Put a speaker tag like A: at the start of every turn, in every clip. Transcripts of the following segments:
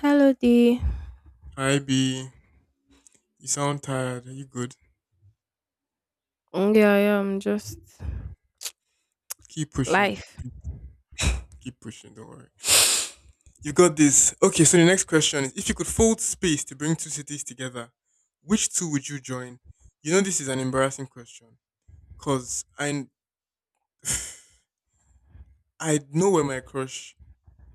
A: Hello, D.
B: Hi B, you sound tired. Are you good?
A: Yeah, yeah, I'm just
B: Keep pushing.
A: life.
B: Keep pushing. Don't worry. You got this. Okay, so the next question is: if you could fold space to bring two cities together, which two would you join? You know this is an embarrassing question, cause I know where my crush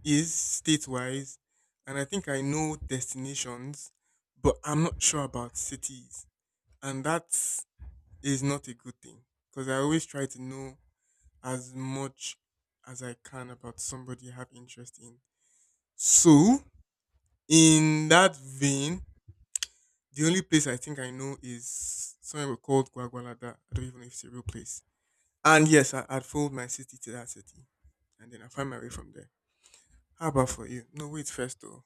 B: is state wise, and I think I know destinations, but I'm not sure about cities, and that is not a good thing, cause I always try to know as much as I can about somebody I have interest in. So, in that vein, the only place I think I know is somewhere called Guagualada. I don't even know if it's a real place. And yes, I'd fold my city to that city. And then I find my way from there. How about for you? No, wait first though.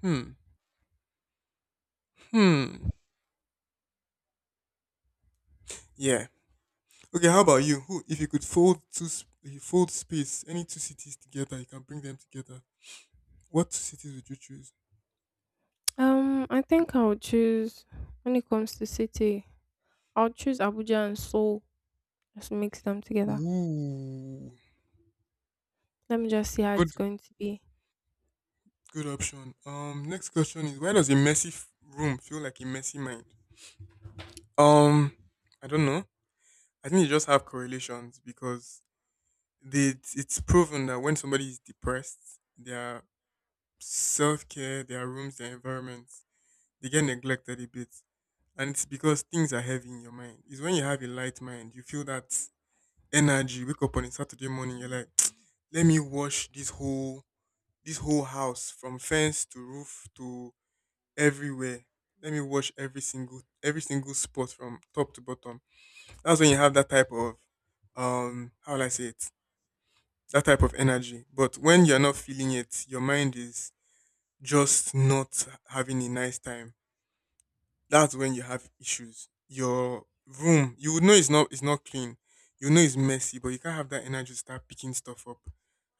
B: Hmm. Hmm. Yeah. Okay, how about you? Who if you could if you fold space, any two cities together, you can bring them together. What two cities would you choose?
A: I think I'll choose when it comes to city. I'll choose Abuja and Seoul. Just mix them together.
B: Ooh.
A: Let me just see how it's
B: Good.
A: going to be.
B: Good option. Next question is why does a room feel like a messy mind? Um, I don't know. I think you just have correlations because it's proven that when somebody is depressed, their self care, their rooms, their environments, they get neglected a bit, and it's because things are heavy in your mind. It's when you have a light mind, you feel that energy. Wake up on a Saturday morning, you're like, let me wash this whole house from fence to roof to everywhere. Let me watch every single spot from top to bottom. That's when you have that type of how will I say it? That type of energy. But when you're not feeling it, your mind is just not having a nice time. That's when you have issues. Your room, you would know it's not clean. You know it's messy, but you can't have that energy to start picking stuff up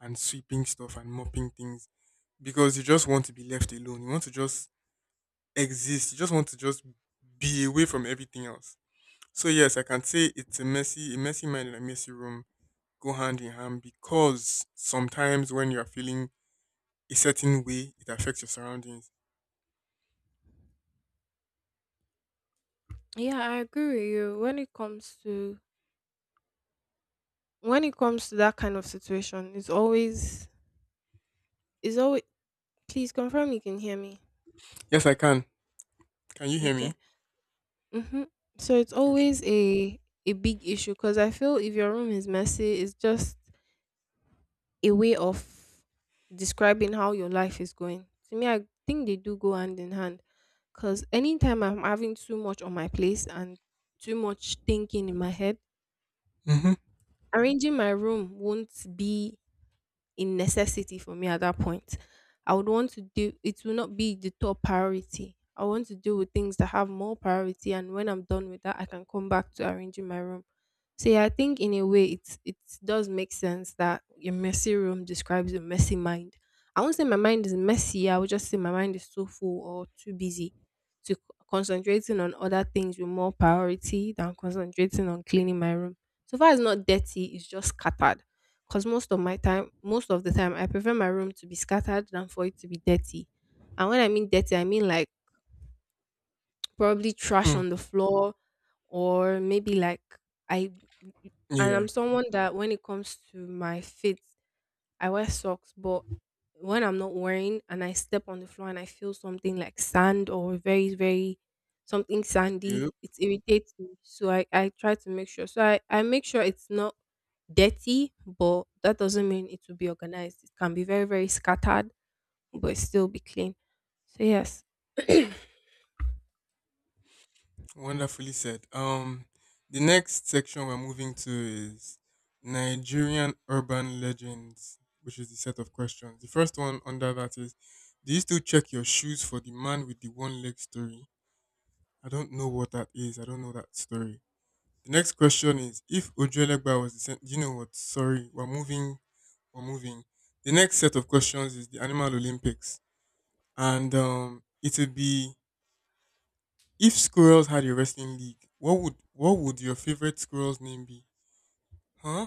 B: and sweeping stuff and mopping things because you just want to be left alone. You want to just exist. You just want to just be away from everything else. So yes, I can say it's a messy mind and a messy room go hand in hand because sometimes when you are feeling a certain way, it affects your surroundings.
A: Yeah, I agree with you. When it comes to that kind of situation, it's always it's always. Please confirm you can hear me.
B: Yes, I can. Can you hear me?
A: Okay. Mhm. So it's
B: Okay.
A: always a big issue because I feel if your room is messy, it's just a way of describing how your life is going. To me, I think they do go hand in hand because anytime I'm having too much on my place and too much thinking in my head,
B: Mm-hmm.
A: arranging my room won't be in necessity for me at that point. I would want to do it will not be the top priority. I want to deal with things that have more priority, and when I'm done with that I can come back to arranging my room. So yeah, I think in a way it does make sense that your messy room describes your messy mind. I won't say my mind is messy, I would just say my mind is too full or too busy to concentrating on other things with more priority than concentrating on cleaning my room. So far it's not dirty, it's just scattered. Cause most of my time, most of the time, I prefer my room to be scattered than for it to be dirty. And when I mean dirty, I mean like probably trash on the floor, or maybe like I. And
B: Yeah.
A: I'm someone that when it comes to my feet, I wear socks, but when I'm not wearing and I step on the floor and I feel something like sand or very, very something
B: Yep.
A: sandy, it irritates me. So I try to make sure. So I make sure it's not dirty, but that doesn't mean it will be organized. It can be very, very scattered, but still be clean. So yes.
B: Wonderfully said. The next section we're moving to is Nigerian urban legends, which is the set of questions. The first one under that is, do you still check your shoes for the man with the one leg story? I don't know what that is. I don't know that story. The next question is, if Ojuelegba was the same, you know what? Sorry, we're moving. We're moving. The next set of questions is the Animal Olympics, and it will be if squirrels had a wrestling league, what would your favorite squirrel's name be? Huh?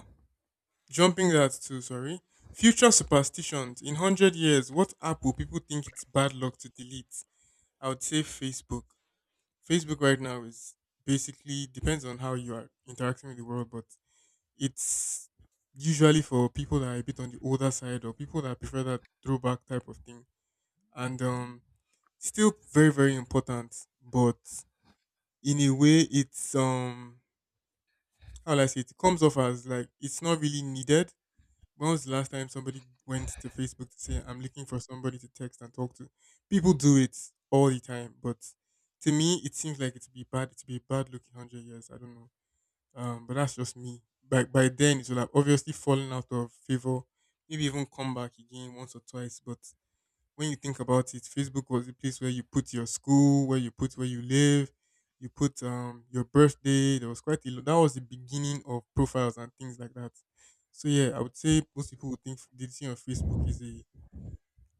B: Jumping that too, sorry. Future superstitions. In hundred years, what app will people think it's bad luck to delete? I would say Facebook. Facebook right now is basically depends on how you are interacting with the world, but it's usually for people that are a bit on the older side or people that prefer that throwback type of thing. And still very, very important, but in a way it's how will I say it? It comes off as like it's not really needed. When was the last time somebody went to Facebook to say I'm looking for somebody to text and talk to? People do it all the time, but to me it seems like it'd be bad. It'd be a bad looking hundred years. I don't know. But that's just me. By then it will have obviously fallen out of favor. Maybe even come back again once or twice, but when you think about it, Facebook was the place where you put your school, where you put where you live, you put your birthday. There was quite a lot. That was the beginning of profiles and things like that. So yeah, I would say most people would think deleting on Facebook is a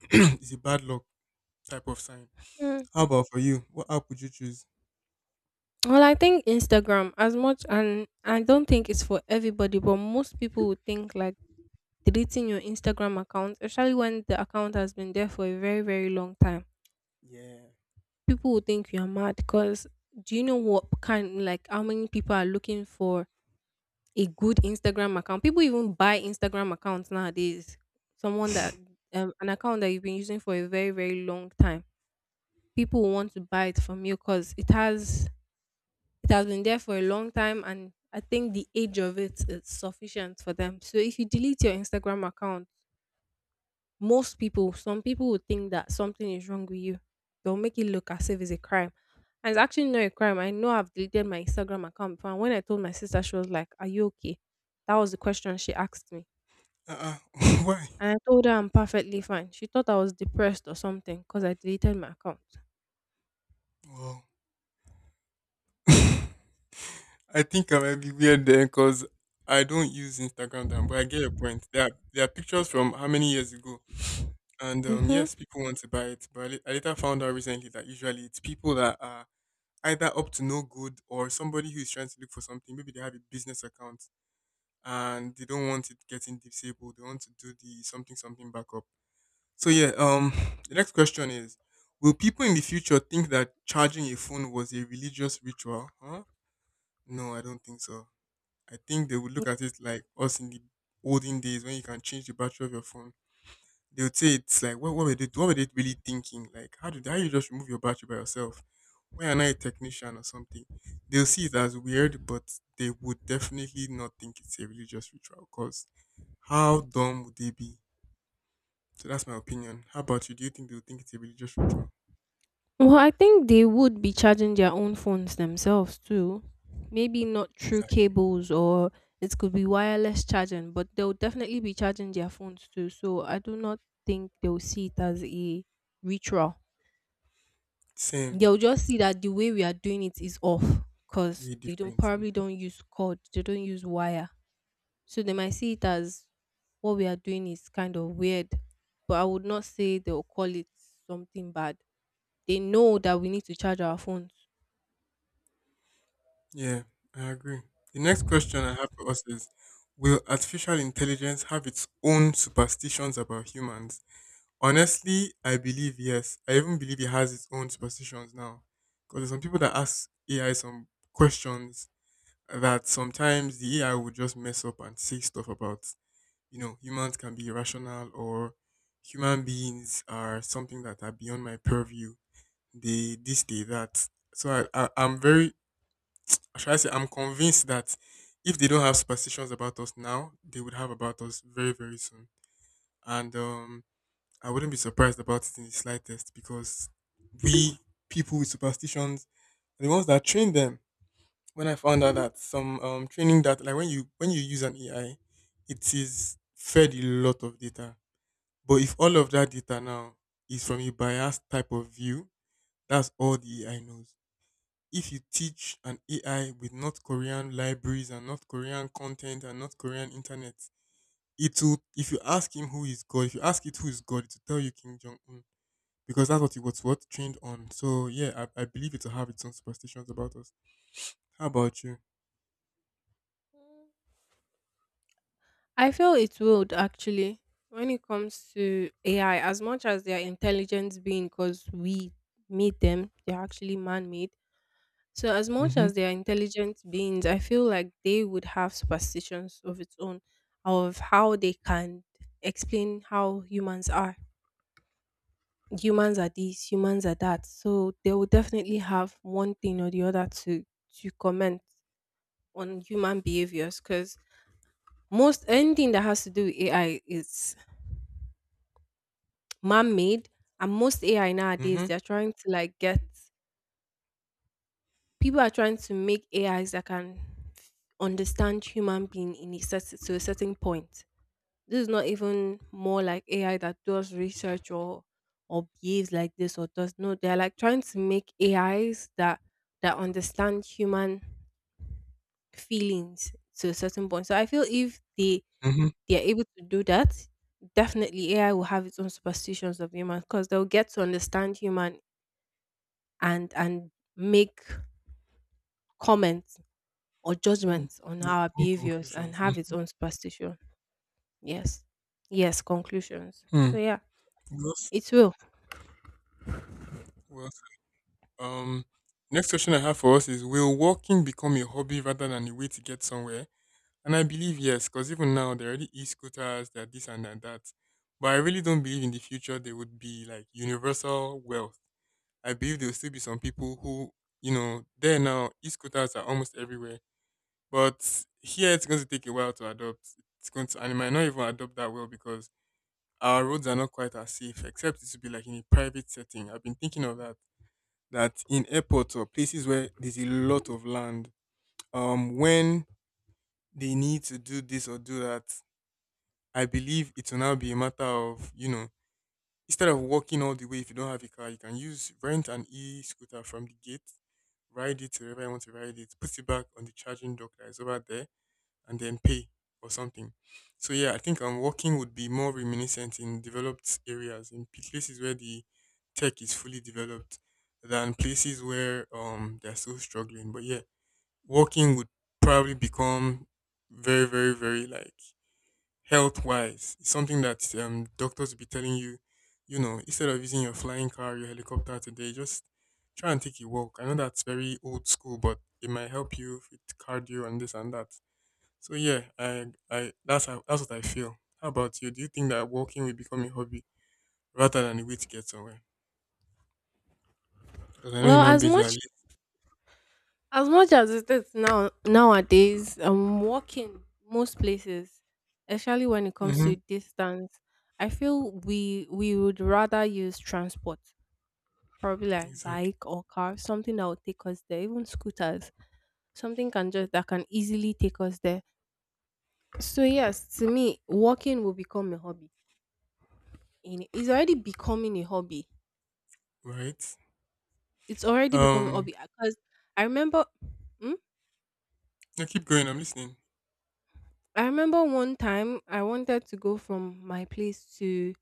B: is a bad luck type of sign.
A: Mm.
B: How about for you? What app would you choose?
A: Well, I think Instagram as much, and I don't think it's for everybody, but most people would think like deleting your Instagram account, especially when the account has been there for a very, very long time.
B: Yeah.
A: People will think you are mad because do you know what kind, like, how many people are looking for a good Instagram account? People even buy Instagram accounts nowadays. Someone that, an account that you've been using for a very, very long time. People will want to buy it from you because it has been there for a long time, and I think the age of it is sufficient for them. So if you delete your Instagram account, most people, some people would think that something is wrong with you. They'll make it look as if it's a crime. And it's actually not a crime. I know I've deleted my Instagram account before. And when I told my sister, she was like, "Are you okay?" That was the question she asked me.
B: Uh-uh. Why?
A: And I told her I'm perfectly fine. She thought I was depressed or something because I deleted my account.
B: Well, I think I might be weird there because I don't use Instagram then, but I get your point. There are pictures from how many years ago. And
A: Mm-hmm.
B: yes, people want to buy it, but I later found out recently that usually it's people that are either up to no good or somebody who is trying to look for something. Maybe they have a business account and they don't want it getting disabled. They want to do the something something backup. So yeah, the next question is: will people in the future think that charging a phone was a religious ritual? Huh? No, I don't think so. I think they would look at it like us in the olden days when you can change the battery of your phone. They would say it's like what were they really thinking? Like how did how you just remove your battery by yourself? Why are not a technician or something? They'll see it as weird, but they would definitely not think it's a religious ritual. Cause how dumb would they be? So that's my opinion. How about you? Do you think they would think it's a religious ritual?
A: Well, I think they would be charging their own phones themselves too. Maybe not through
B: Exactly.
A: cables, or it could be wireless charging, but they'll definitely be charging their phones too. So I do not think they'll see it as a ritual.
B: Same.
A: They'll just see that the way we are doing it is off because
B: Way
A: they don't
B: different.
A: probably
B: Mhm.
A: don't use cord, they don't use wire. So they might see it as what we are doing is kind of weird. But I would not say they'll call it something bad. They know that we need to charge our phones.
B: Yeah, I agree. The next question I have for us is will artificial intelligence have its own superstitions about humans? Honestly, I believe yes. I even believe it has its own superstitions now. Because there's some people that ask AI some questions that sometimes the AI would just mess up and say stuff about, you know, humans can be irrational or human beings are something that are beyond my purview. They this, they that. So I'm very, should I say, I'm convinced that if they don't have superstitions about us now, they would have about us very, very soon. And I wouldn't be surprised about it in the slightest because we people with superstitions are the ones that train them. When I found out that some training that like when you use an AI, it is fed a lot of data. But if all of that data now is from a biased type of view, that's all the AI knows. If you teach an AI with North Korean libraries and North Korean content and North Korean internet, it will if you ask him who is God, if you ask it who is God, it will tell you Kim Jong un because that's what it was what trained on. So yeah, I believe it'll have its own superstitions about us. How about you?
A: I feel it would actually, when it comes to AI, as much as they are intelligent being, because we meet them, they're actually man made. So as much
B: Mm-hmm.
A: as they are intelligent beings, I feel like they would have superstitions of its own of how they can explain how humans are. Humans are this, humans are that. So they will definitely have one thing or the other to comment on human behaviors because most anything that has to do with AI is man-made. And most ai nowadays,
B: Mm-hmm.
A: they're trying to like get, people are trying to make ais that can understand human being in a certain, to a certain point. This is not even more like ai that does research or behaves like this or does. No, they're like trying to make ais that understand human feelings to a certain point. So I feel if
B: Mm-hmm.
A: they are able to do that, definitely ai will have its own superstitions of humans because they'll get to understand human and make comments or judgments on
B: Yeah,
A: our
B: own
A: behaviors and
B: conclusions.
A: have its own superstition. Yes. Yes, conclusions. So
B: Mm-hmm.
A: yeah,
B: Well said.
A: it will.
B: Well said. Next question I have for us is: will walking become a hobby rather than a way to get somewhere? And I believe yes, because even now there are already e-scooters, there are this and there are that. But I really don't believe in the future there would be like universal wealth. I believe there will still be some people who, you know, there now e-scooters are almost everywhere. But here it's going to take a while to adopt. It's going to, and it might not even adopt that well because our roads are not quite as safe, except it should be like in a private setting. I've been thinking of that. That in airports or places where there's a lot of land, when they need to do this or do that, I believe it will now be a matter of, you know, instead of walking all the way if you don't have a car, you can use rent an e scooter from the gate, ride it wherever you want to ride it, put it back on the charging dock that is over there and then pay or something. So yeah, I think working would be more reminiscent in developed areas, in places where the tech is fully developed than places where they're still struggling. But yeah, working would probably become very, very, very like health wise. It's something that doctors will be telling you, you know, instead of using your flying car, your helicopter today, just try and take a walk. I know that's very old school, but it might help you with cardio and this and that. So yeah, I that's how that's what I feel. How about you? Do you think that walking will become a hobby rather than a way to get somewhere? Because I know
A: Well,
B: human beings are.
A: as much as it is now nowadays, walking most places, especially when it comes
B: Mm-hmm.
A: to distance, I feel we would rather use transport. Probably like
B: Exactly.
A: bike or car, something that would take us there, even scooters. Something can just that can easily take us there. So yes, to me, walking will become a hobby. And it's already becoming a hobby.
B: Right.
A: It's already become a
B: Um.
A: hobby because I remember, hmm?
B: No, keep going. I'm listening.
A: I remember one time I wanted to go from my place to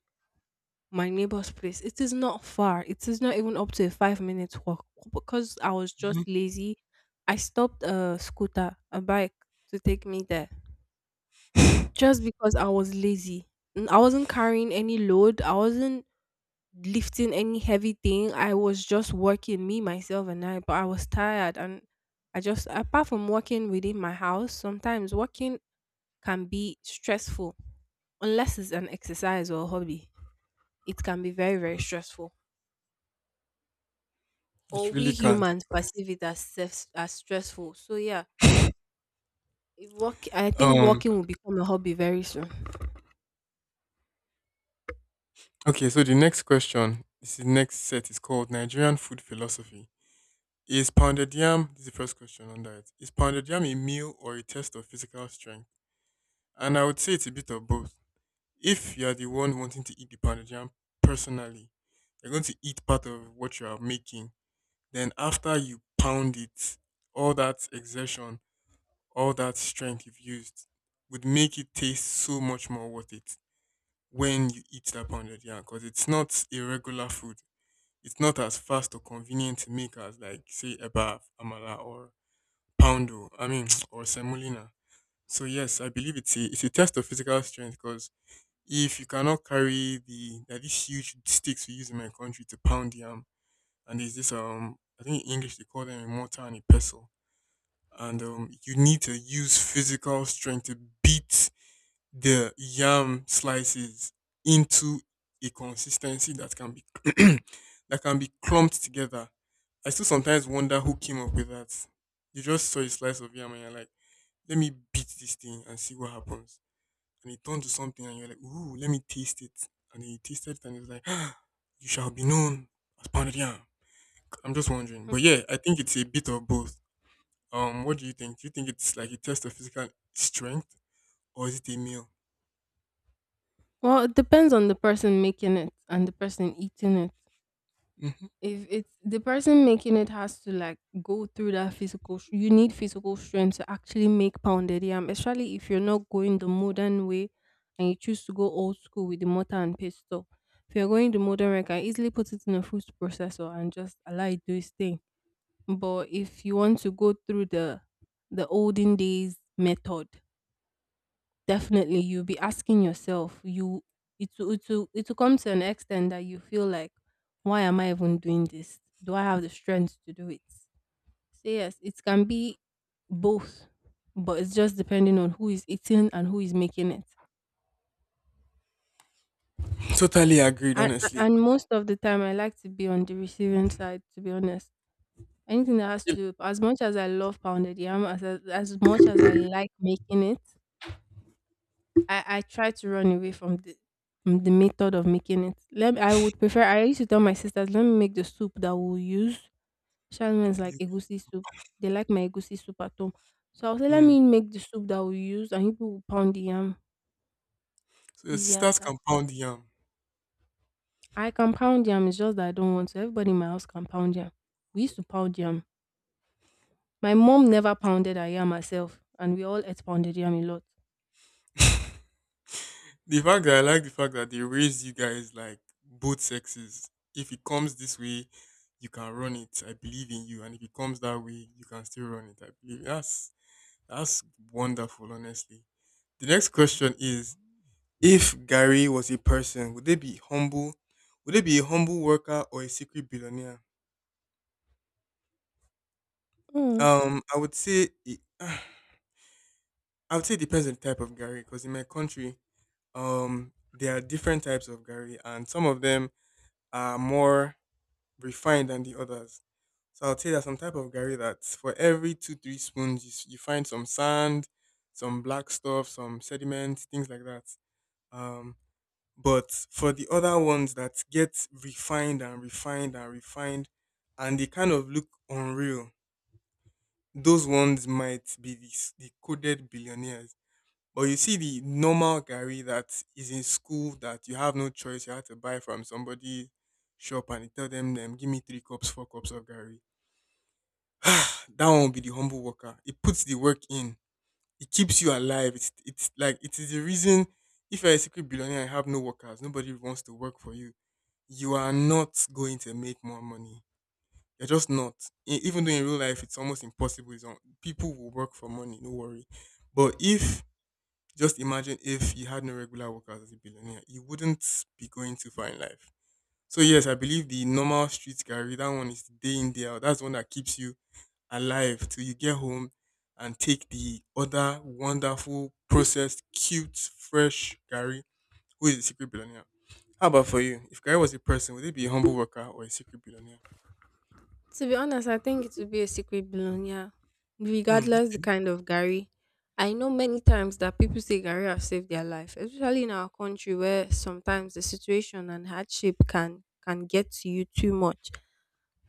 A: my neighbor's place. It is not far. It is not even up to a 5 minutes walk because I was
B: Mm-hmm.
A: just lazy. I stopped a scooter, a bike, to take me there just because I was lazy. I wasn't carrying any load. I wasn't lifting any heavy thing. I was just working, me, myself, and I, but I was tired. And I just, apart from working within my house, sometimes working can be stressful unless it's an exercise or a hobby. It can be very, very
B: Yes.
A: stressful.
B: It
A: Or
B: really
A: we
B: can't.
A: humans perceive it as, as stressful. So, yeah, if work, I think
B: Um.
A: walking will become a hobby very soon.
B: Okay. So the next question. This is next set is called Nigerian food philosophy. Is pounded yam? This is the first question on that. Is pounded yam a meal or a test of physical strength? And I would say it's a bit of both. If you're the one wanting to eat the pounded yam personally, you're going to eat part of what you are making. Then after you pound it, all that exertion, all that strength you've used would make it taste so much more worth it when you eat that pounded yam because it's not a regular food. It's not as fast or convenient to make as like say eba, amala, or poundo. I mean, or semolina. So yes, I believe it's a test of physical strength because if you cannot carry there are these huge sticks we use in my country to pound yam, and there's this I think in English they call them a mortar and a pestle, and you need to use physical strength to beat the yam slices into a consistency that can be that can be clumped together. I still sometimes wonder who came up with that. You just saw a slice of yam and you're like, let me beat this thing and see what happens and it turned to something and you're like, ooh, let me taste it. And then you tasted it and it was like, ah, you shall be known as pounded yam. I'm just wondering.
A: Hmm.
B: But yeah, I think it's a bit of both. What do you think? Do you think it's like a test of physical strength or is it a meal?
A: Well, it depends on the person making it and the person eating it.
B: Hmm.
A: If it's the person making it has to like go through that physical you need physical strength to actually make pounded yam, especially if you're not going the modern way and you choose to go old school with the mortar and pestle. If you're going the modern way, I can easily put it in a food processor and just allow it do its thing. But if you want to go through the olden days method, definitely, you'll be asking yourself, you it will come to an extent that you feel like, why am I even doing this? Do I have the strength to do it? So yes, it can be both, but it's just depending on who is eating and who is making it.
B: Totally agreed,
A: And,
B: honestly.
A: and most of the time, I like to be on the receiving side. To be honest, anything that has to
B: You,
A: do, as much as I love pounded yam, as much as I like making it, I try to run away from the method of making it. Let me, I would prefer. I used to tell my sisters, let me make the soup that we'll use. Shalman's like
B: you-
A: egusi soup. They like my egusi soup at home, so I'll say, let
B: mm.
A: me make the soup that we'll use, and people will pound the yam.
B: So your
A: Easy as
B: sisters can
A: that.
B: pound yam.
A: I can pound yam. It's just that I don't want to. Everybody in my house can pound yam. We used to pound yam. My mom never pounded her yam herself, and we all ate pounded yam a lot.
B: The fact that they raise you guys like both sexes. If it comes this way, you can run it. I believe in you. And if it comes that way, you can still run it. I believe that's wonderful, honestly. The next question is if Gary was a person, would they be humble? Would they be a humble worker or a secret billionaire?
A: Mm.
B: I would say it, I would say it depends on the type of Gary, because in my country, there are different types of Gary, and some of them are more refined than the others. So I'll say there's some type of gari that for every two, three spoons, you find some sand, some black stuff, some sediment, things like that. Um, but for the other ones that get refined and refined and refined, and they kind of look unreal, those ones might be the coded billionaires. But you see the normal gari that is in school that you have no choice, you have to buy from somebody shop and you tell them, them give me three cups, four cups of gari. That one will be the humble worker. It puts the work in. It keeps you alive. It's like it is the reason if you're a secret billionaire and have no workers, nobody wants to work for you. You are not going to make more money. You're just not. Even though in real life it's almost impossible. It's on, people will work for money, no worry. But if just imagine if you had no regular workers as a billionaire, you wouldn't be going too far in life. So yes, I believe the normal street carry, that one is day in, day out. That's the one that keeps you alive till you get home and take the other wonderful, processed, cute, fresh Gary, who is a secret billionaire. How about for you? If Gary was a person, would it be a humble worker or a secret billionaire?
A: To be honest, I think it would be a secret balloon, yeah.
B: Hmm.
A: Regardless the kind of gari. I know many times that people say gari have saved their life, especially in our country where sometimes the situation and hardship can get to you too much.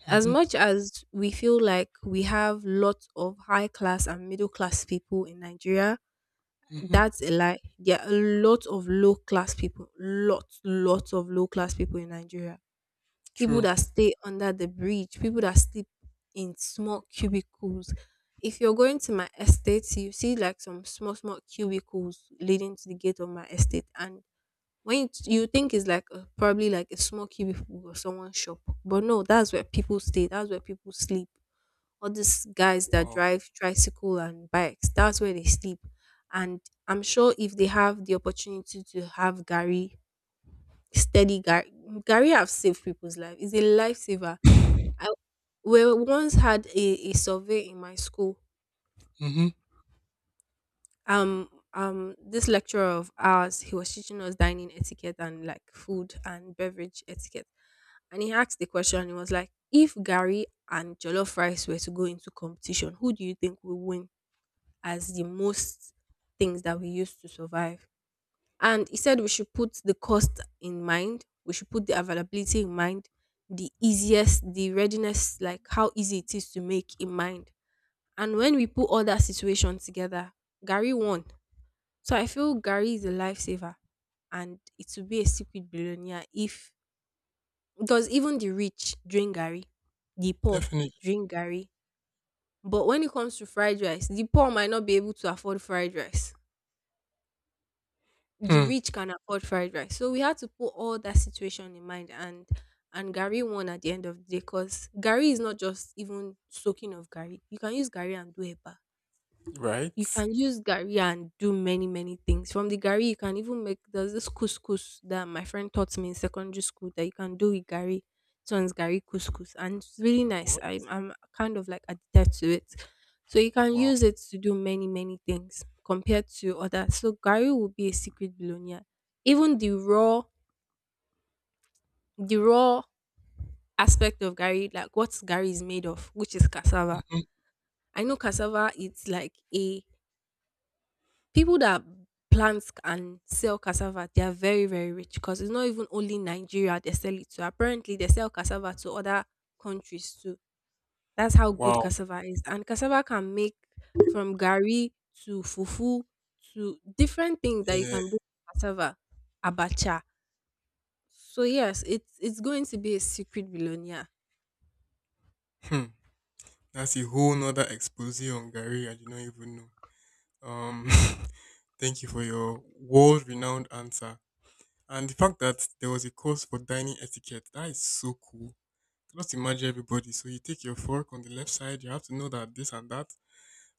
A: As
B: Mm-hmm.
A: much as we feel like we have lots of high class and middle class people in Nigeria,
B: Mm-hmm.
A: that's a lie. There are a lot of low class people, lots, lots of low class people in Nigeria. People
B: True.
A: that stay under the bridge, people that sleep in small cubicles. If you're going to my estate, you see like some small, small cubicles leading to the gate of my estate. And when you think it's like a, probably like a small cubicle or someone's shop, but no, that's where people stay, that's where people sleep. All these guys that
B: Wow.
A: drive tricycle and bikes, that's where they sleep. And I'm sure if they have the opportunity to have Gary, steady Gary, Gary have saved people's life. It's a lifesaver. I We once had a survey in my school.
B: Mm-hmm.
A: Um, this lecturer of ours, he was teaching us dining etiquette and like food and beverage etiquette. And he asked the question, he was like, if Gary and Jollof rice were to go into competition, who do you think will win as the most things that we use to survive? And he said we should put the cost in mind, we should put the availability in mind, the easiest, the readiness, like how easy it is to make in mind. And when we put all that situation together, Gary won. So I feel Gary is a lifesaver and it will be a secret billionaire if, because even the rich drink Gary, the poor
B: Definitely.
A: drink Gary. But when it comes to fried rice, the poor might not be able to afford fried rice. The
B: Hmm.
A: rich can afford fried rice. So we had to put all that situation in mind, and Gary won at the end of the day because Gary is not just even soaking of Gary. You can use Gary and do Eba.
B: Right.
A: You can use gari and do many many things. From the gari you can even make, there's this couscous that my friend taught me in secondary school that you can do with gari. This one's gari couscous and it's really nice.
B: What?
A: I'm kind of like addicted to it. So you can
B: Wow.
A: use it to do many many things compared to others. So gari will be a secret bologna. Even the raw, the raw aspect of gari, like what gari is made of, which is cassava.
B: Mm-hmm.
A: I know cassava, it's like a, people that plant and sell cassava, they are very very rich because it's not even only Nigeria they sell it to. Apparently they sell cassava to other countries too. That's how good
B: Wow.
A: cassava is. And cassava can make, from gari to fufu, to different things that you
B: Yeah.
A: can do with cassava. Abacha. So yes, it's going to be a secret billionaire.
B: Hmm. That's a whole nother expose on Gary I did not even know. Um Thank you for your world renowned answer. And the fact that there was a course for dining etiquette, that is so cool. Just imagine everybody. So you take your fork on the left side, you have to know that this and that.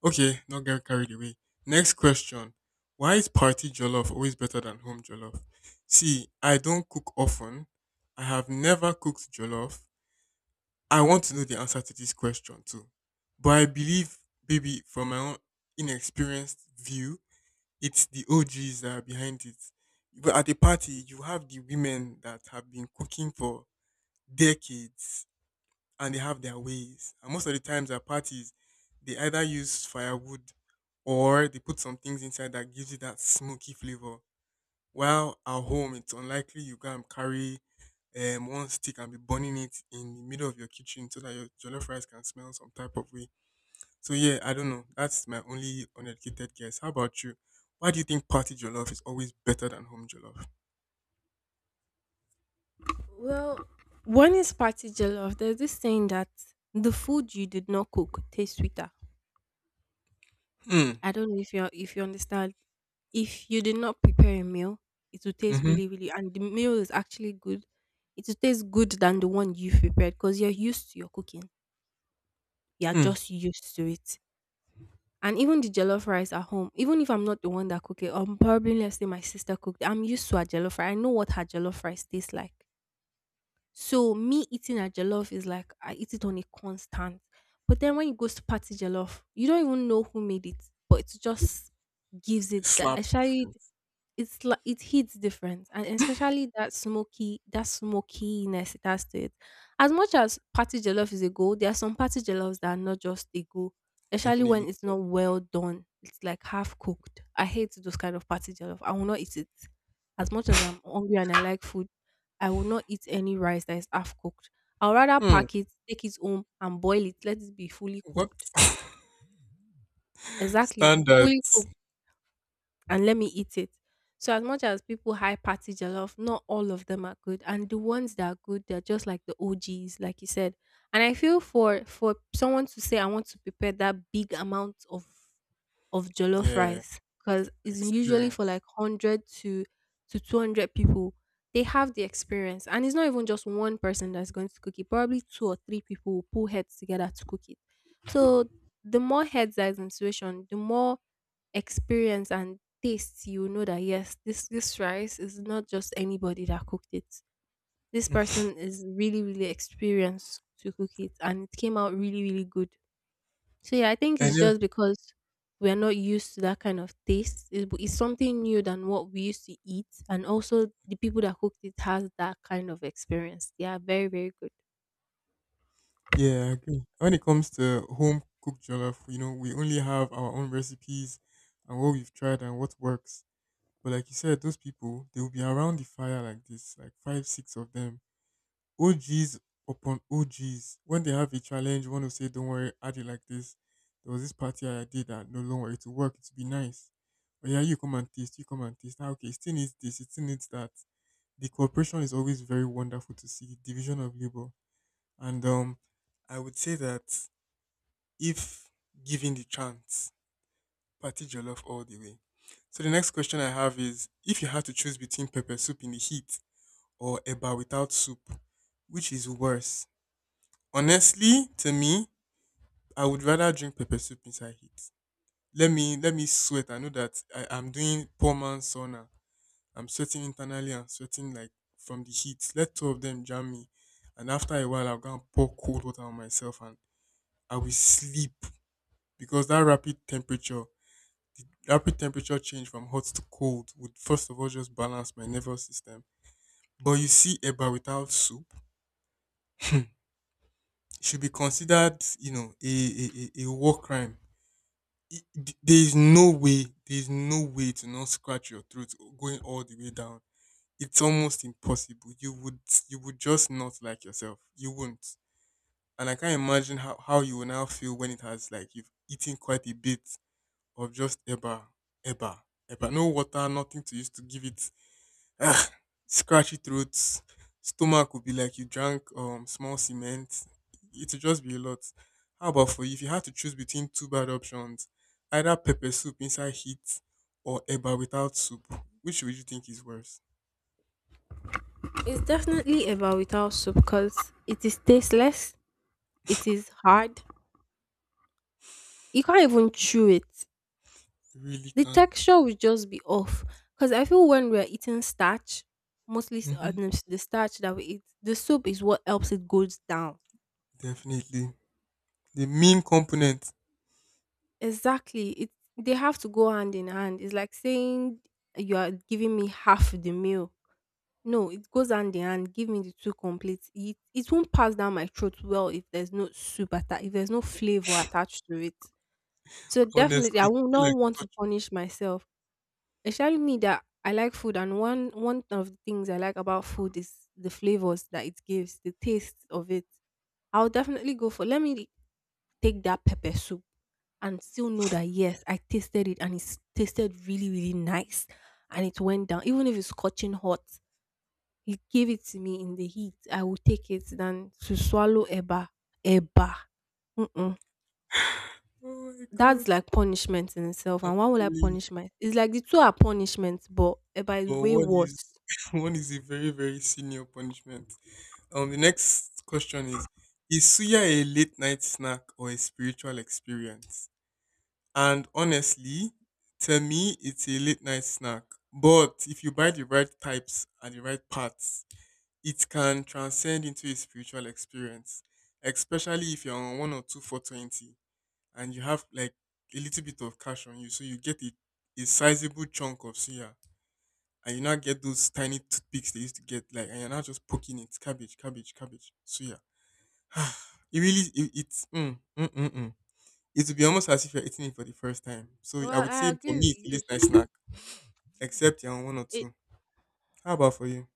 B: Okay, not get carried away. Next question. Why is party jollof always better than home jollof? See, I don't cook often. I have never cooked jollof. I want to know the answer to this question too. But I believe, maybe from my own inexperienced view, it's the OGs that are behind it. But at a party, you have the women that have been cooking for decades and they have their ways. And most of the times at parties, they either use firewood or they put some things inside that gives you that smoky flavor. While at home, it's unlikely you can carry one stick and be burning it in the middle of your kitchen so that your jollof rice can smell some type of way. So yeah, I don't know. That's my only uneducated guess. How about you? Why do you think party jollof is always better than home jollof?
A: Well, one is party jollof, there's this saying that the food you did not cook tastes sweeter.
B: Hmm.
A: I don't know if you, if you understand. If you did not prepare a meal, it will taste
B: Mm-hmm.
A: really, really, and the meal is actually good. It will taste good than the one you prepared because you're used to your cooking. You are
B: Hmm.
A: just used to it. And even the jollof rice at home, even if I'm not the one that cook it, probably let's say my sister cooked. I'm used to her jollof rice. I know what her jollof rice tastes like. So me eating a jollof is like I eat it on a constant. But then when it goes to party jollof, you don't even know who made it, but it just gives
B: It
A: it that.
B: slaps
A: Actually,
B: different.
A: it's like it hits different, and especially that smoky, that smokiness it has to it. As much as party jollof is a goal, there are some party jollof that are not just a goal, especially
B: Definitely.
A: when it's not well done, it's like half cooked. I hate those kind of party jollof, I will not eat it. As much as I'm hungry and I like food, I will not eat any rice that is half cooked. I'll rather
B: Hmm.
A: pack it, take it home and boil it, let it be fully
B: What?
A: cooked. Exactly, fully
B: Standards.
A: cooked, and let me eat it. So as much as people high party jollof, not all of them are good, and the ones that are good, they're just like the OGs, like you said. And I feel for someone to say I want to prepare that big amount of jollof
B: Yeah.
A: rice, because it's usually for
B: Experience.
A: like hundred to 200 people. They have the experience, and it's not even just one person that's going to cook it. Probably two or three people will pull heads together to cook it. So the more heads that is in situation, the more experience and taste, you know that yes, this rice is not just anybody that cooked it. This
B: Mm.
A: person is really really experienced to cook it, and it came out really really good. So yeah, I think
B: And
A: it's
B: yeah,
A: just because we are not used to that kind of taste. It's something new than what we used to eat, and also the people that cooked it has that kind of experience. They are very very good.
B: yeah, I agree. When it comes to home cooked jollof, we only have our own recipes and what we've tried and what works. But like you said, those people, they will be around the fire like this, like five, six of them OGs upon OGs. When they have a challenge, one will say, Don't worry, I did like this. There was this party I did that no longer it will work, it'll be nice. But yeah, you come and taste, you come and taste. Ah, okay, it still needs this, it still needs that. The cooperation is always very wonderful to see, division of labor. And I would say that if given the chance, party jollof all the way. So the next question I have is if you had to choose between pepper soup in the heat or eba without soup, which is worse? Honestly, to me, I would rather drink pepper soup inside heat. Let me sweat. I know that I'm doing poor man's sauna. I'm sweating internally and sweating like from the heat. Let two of them jam me. And after a while I'll go and pour cold water on myself and I will sleep because that rapid temperature the rapid temperature change from hot to cold would first of all just balance my nervous system. But you see, eba without soup should be considered, a war crime. it, there is no way, there is no way to not scratch your throat going all the way down. It's almost impossible. You would just not like yourself. You wouldn't. And I can't imagine how you will now feel when it has like you've eaten quite a bit of just eba, eba, eba. No water, nothing to use to give it ah, scratchy throats. Stomach would be like you drank small cement. It would just be a lot. How about for you? If you had to choose between two bad options, either pepper soup inside heat or eba without soup, which would you think is worse?
A: It's definitely a without soup because it is tasteless. It is hard. You can't even chew it.
B: Really
A: The
B: can't.
A: texture would just be off because I feel when we're eating starch, mostly
B: Hmm.
A: the the starch that we eat, the soup is what helps it goes down.
B: Definitely. The mean component,
A: Exactly, it, they have to go hand in hand. It's like saying you are giving me half the meal. No, it goes hand in hand. Give me the two complete. It won't pass down my throat well if there's no soup if there's no flavor attached to it. So
B: honestly,
A: definitely, I
B: it's
A: will
B: still
A: not
B: like
A: want to
B: touch.
A: punish myself. Especially me that I like food, and one of the things I like about food is the flavors that it gives, the taste of it. I'll definitely go for, let me take that pepper soup and still know that yes, I tasted it and it tasted really really nice, and it went down. Even if it's scorching hot, you gave it to me in the heat. I will take it than to swallow eba, eba. Mm-mm.
B: Oh my god.
A: That's like punishment in itself.
B: I'm
A: And why would I
B: telling you,
A: punish myself? It's like the two are punishments, but eba is
B: but
A: way
B: one
A: worse.
B: is one is a very, very senior punishment. The next question is suya a late night snack or a spiritual experience? And honestly, to me, it's a late night snack. But if you buy the right types and the right parts, it can transcend into a spiritual experience. Especially if you're on one or two for 20 and you have like a little bit of cash on you, so you get a sizable chunk of suya, and you now get those tiny toothpicks they used to get, like, and you're now just poking it, cabbage, cabbage, cabbage, suya. It really it's mm, mm, mm, mm. It would be almost as if you're eating it for the first time. So I
A: Well,
B: would say
A: I
B: for me it's
A: agree
B: a
A: with
B: late
A: you.
B: night snack, except you're on one or
A: It
B: two. How about for you?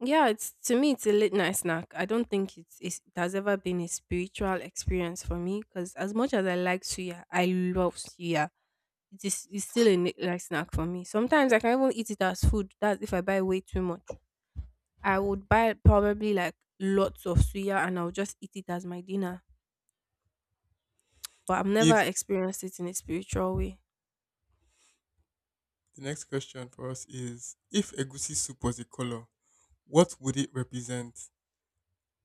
A: Yeah, it's, to me it's a late night snack. I don't think it's it has ever been a spiritual experience for me because as much as I like suya, I love suya. It is it's still a late night snack for me. Sometimes I can even eat it as food. That's if I buy way too much. I would buy probably like lots of suya and I'll just eat it as my dinner. But I've never
B: If
A: experienced it in a spiritual way.
B: the next question for us is if egusi soup was a color, what would it represent?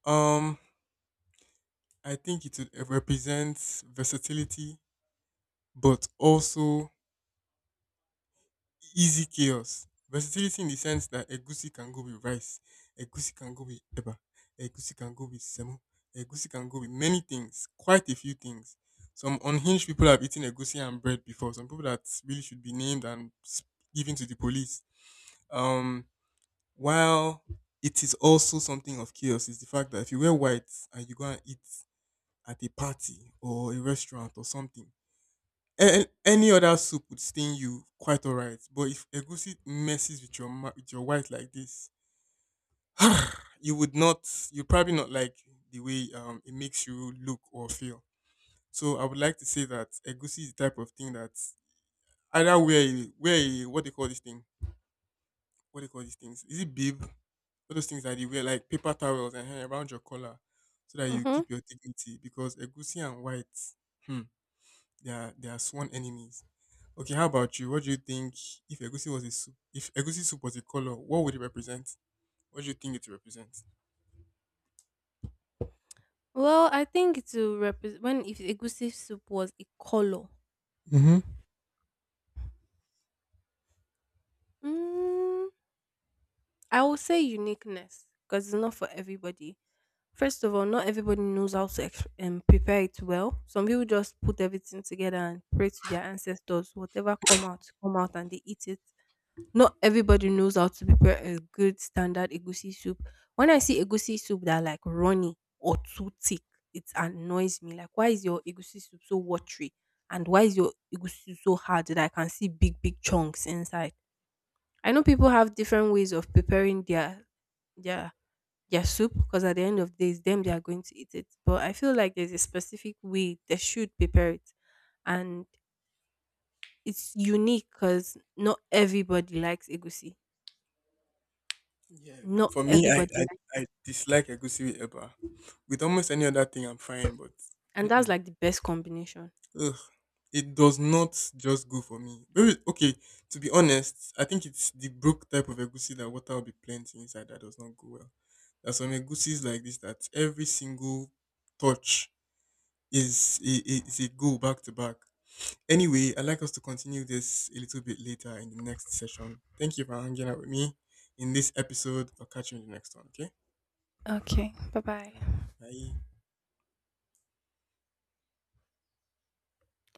B: Um, I think it would represent versatility, but also easy chaos. Versatility in the sense that egusi can go with rice, egusi can go with eba, egusi can go with semo, egusi can go with many things, quite a few things. Some unhinged people have eaten egusi and bread before. Some people that really should be named and given to the police. Um, while it is also something of chaos is the fact that if you wear white and you go and eat at a party or a restaurant or something, and any other soup would stain you quite alright, but if egusi messes with your with your white like this, you would not, you probably not like the way it makes you look or feel. So I would like to say that egusi is the type of thing that either what they call this thing, what they call these things, is it bib? All those things that you wear like paper towels and hang around your collar so that you
A: Mm-hmm.
B: keep your dignity because egusi and white, hmm, they are sworn enemies. Okay, how about you? What do you think if egusi was a soup? If egusi soup was a color, what would it represent? What do you think it represents?
A: Well, I think to represent when, if egusi soup was a color,
B: Mm-hmm.
A: mm, I would say uniqueness because it's not for everybody. First of all, not everybody knows how to prepare it well. Some people just put everything together and pray to their ancestors. Whatever come out, and they eat it. Not everybody knows how to prepare a good standard egusi soup. When I see egusi soup that are like runny or too thick, it annoys me. Like, why is your egusi soup so watery? And why is your egusi soup so hard that I can see big, big chunks inside? I know people have different ways of preparing their, their their soup, because at the end of the day, it's them they are going to eat it. But I feel like there's a specific way they should prepare it, and it's unique because not everybody likes egusi.
B: Yeah,
A: Not
B: for me,
A: everybody likes them.
B: I dislike egusi with eba. With almost any other thing, I'm fine, but
A: And that's
B: mm-mm.
A: like the best combination.
B: Ugh, it does not just go for me. Okay, to be honest, I think it's the brook type of egusi that water will be plenty inside that does not go well. There's some egusis like this that every single touch is a go back to back. Anyway, I'd like us to continue this a little bit later in the next session. Thank you for hanging out with me in this episode. I'll catch you in the next one, okay?
A: Okay. Bye bye.
B: Bye.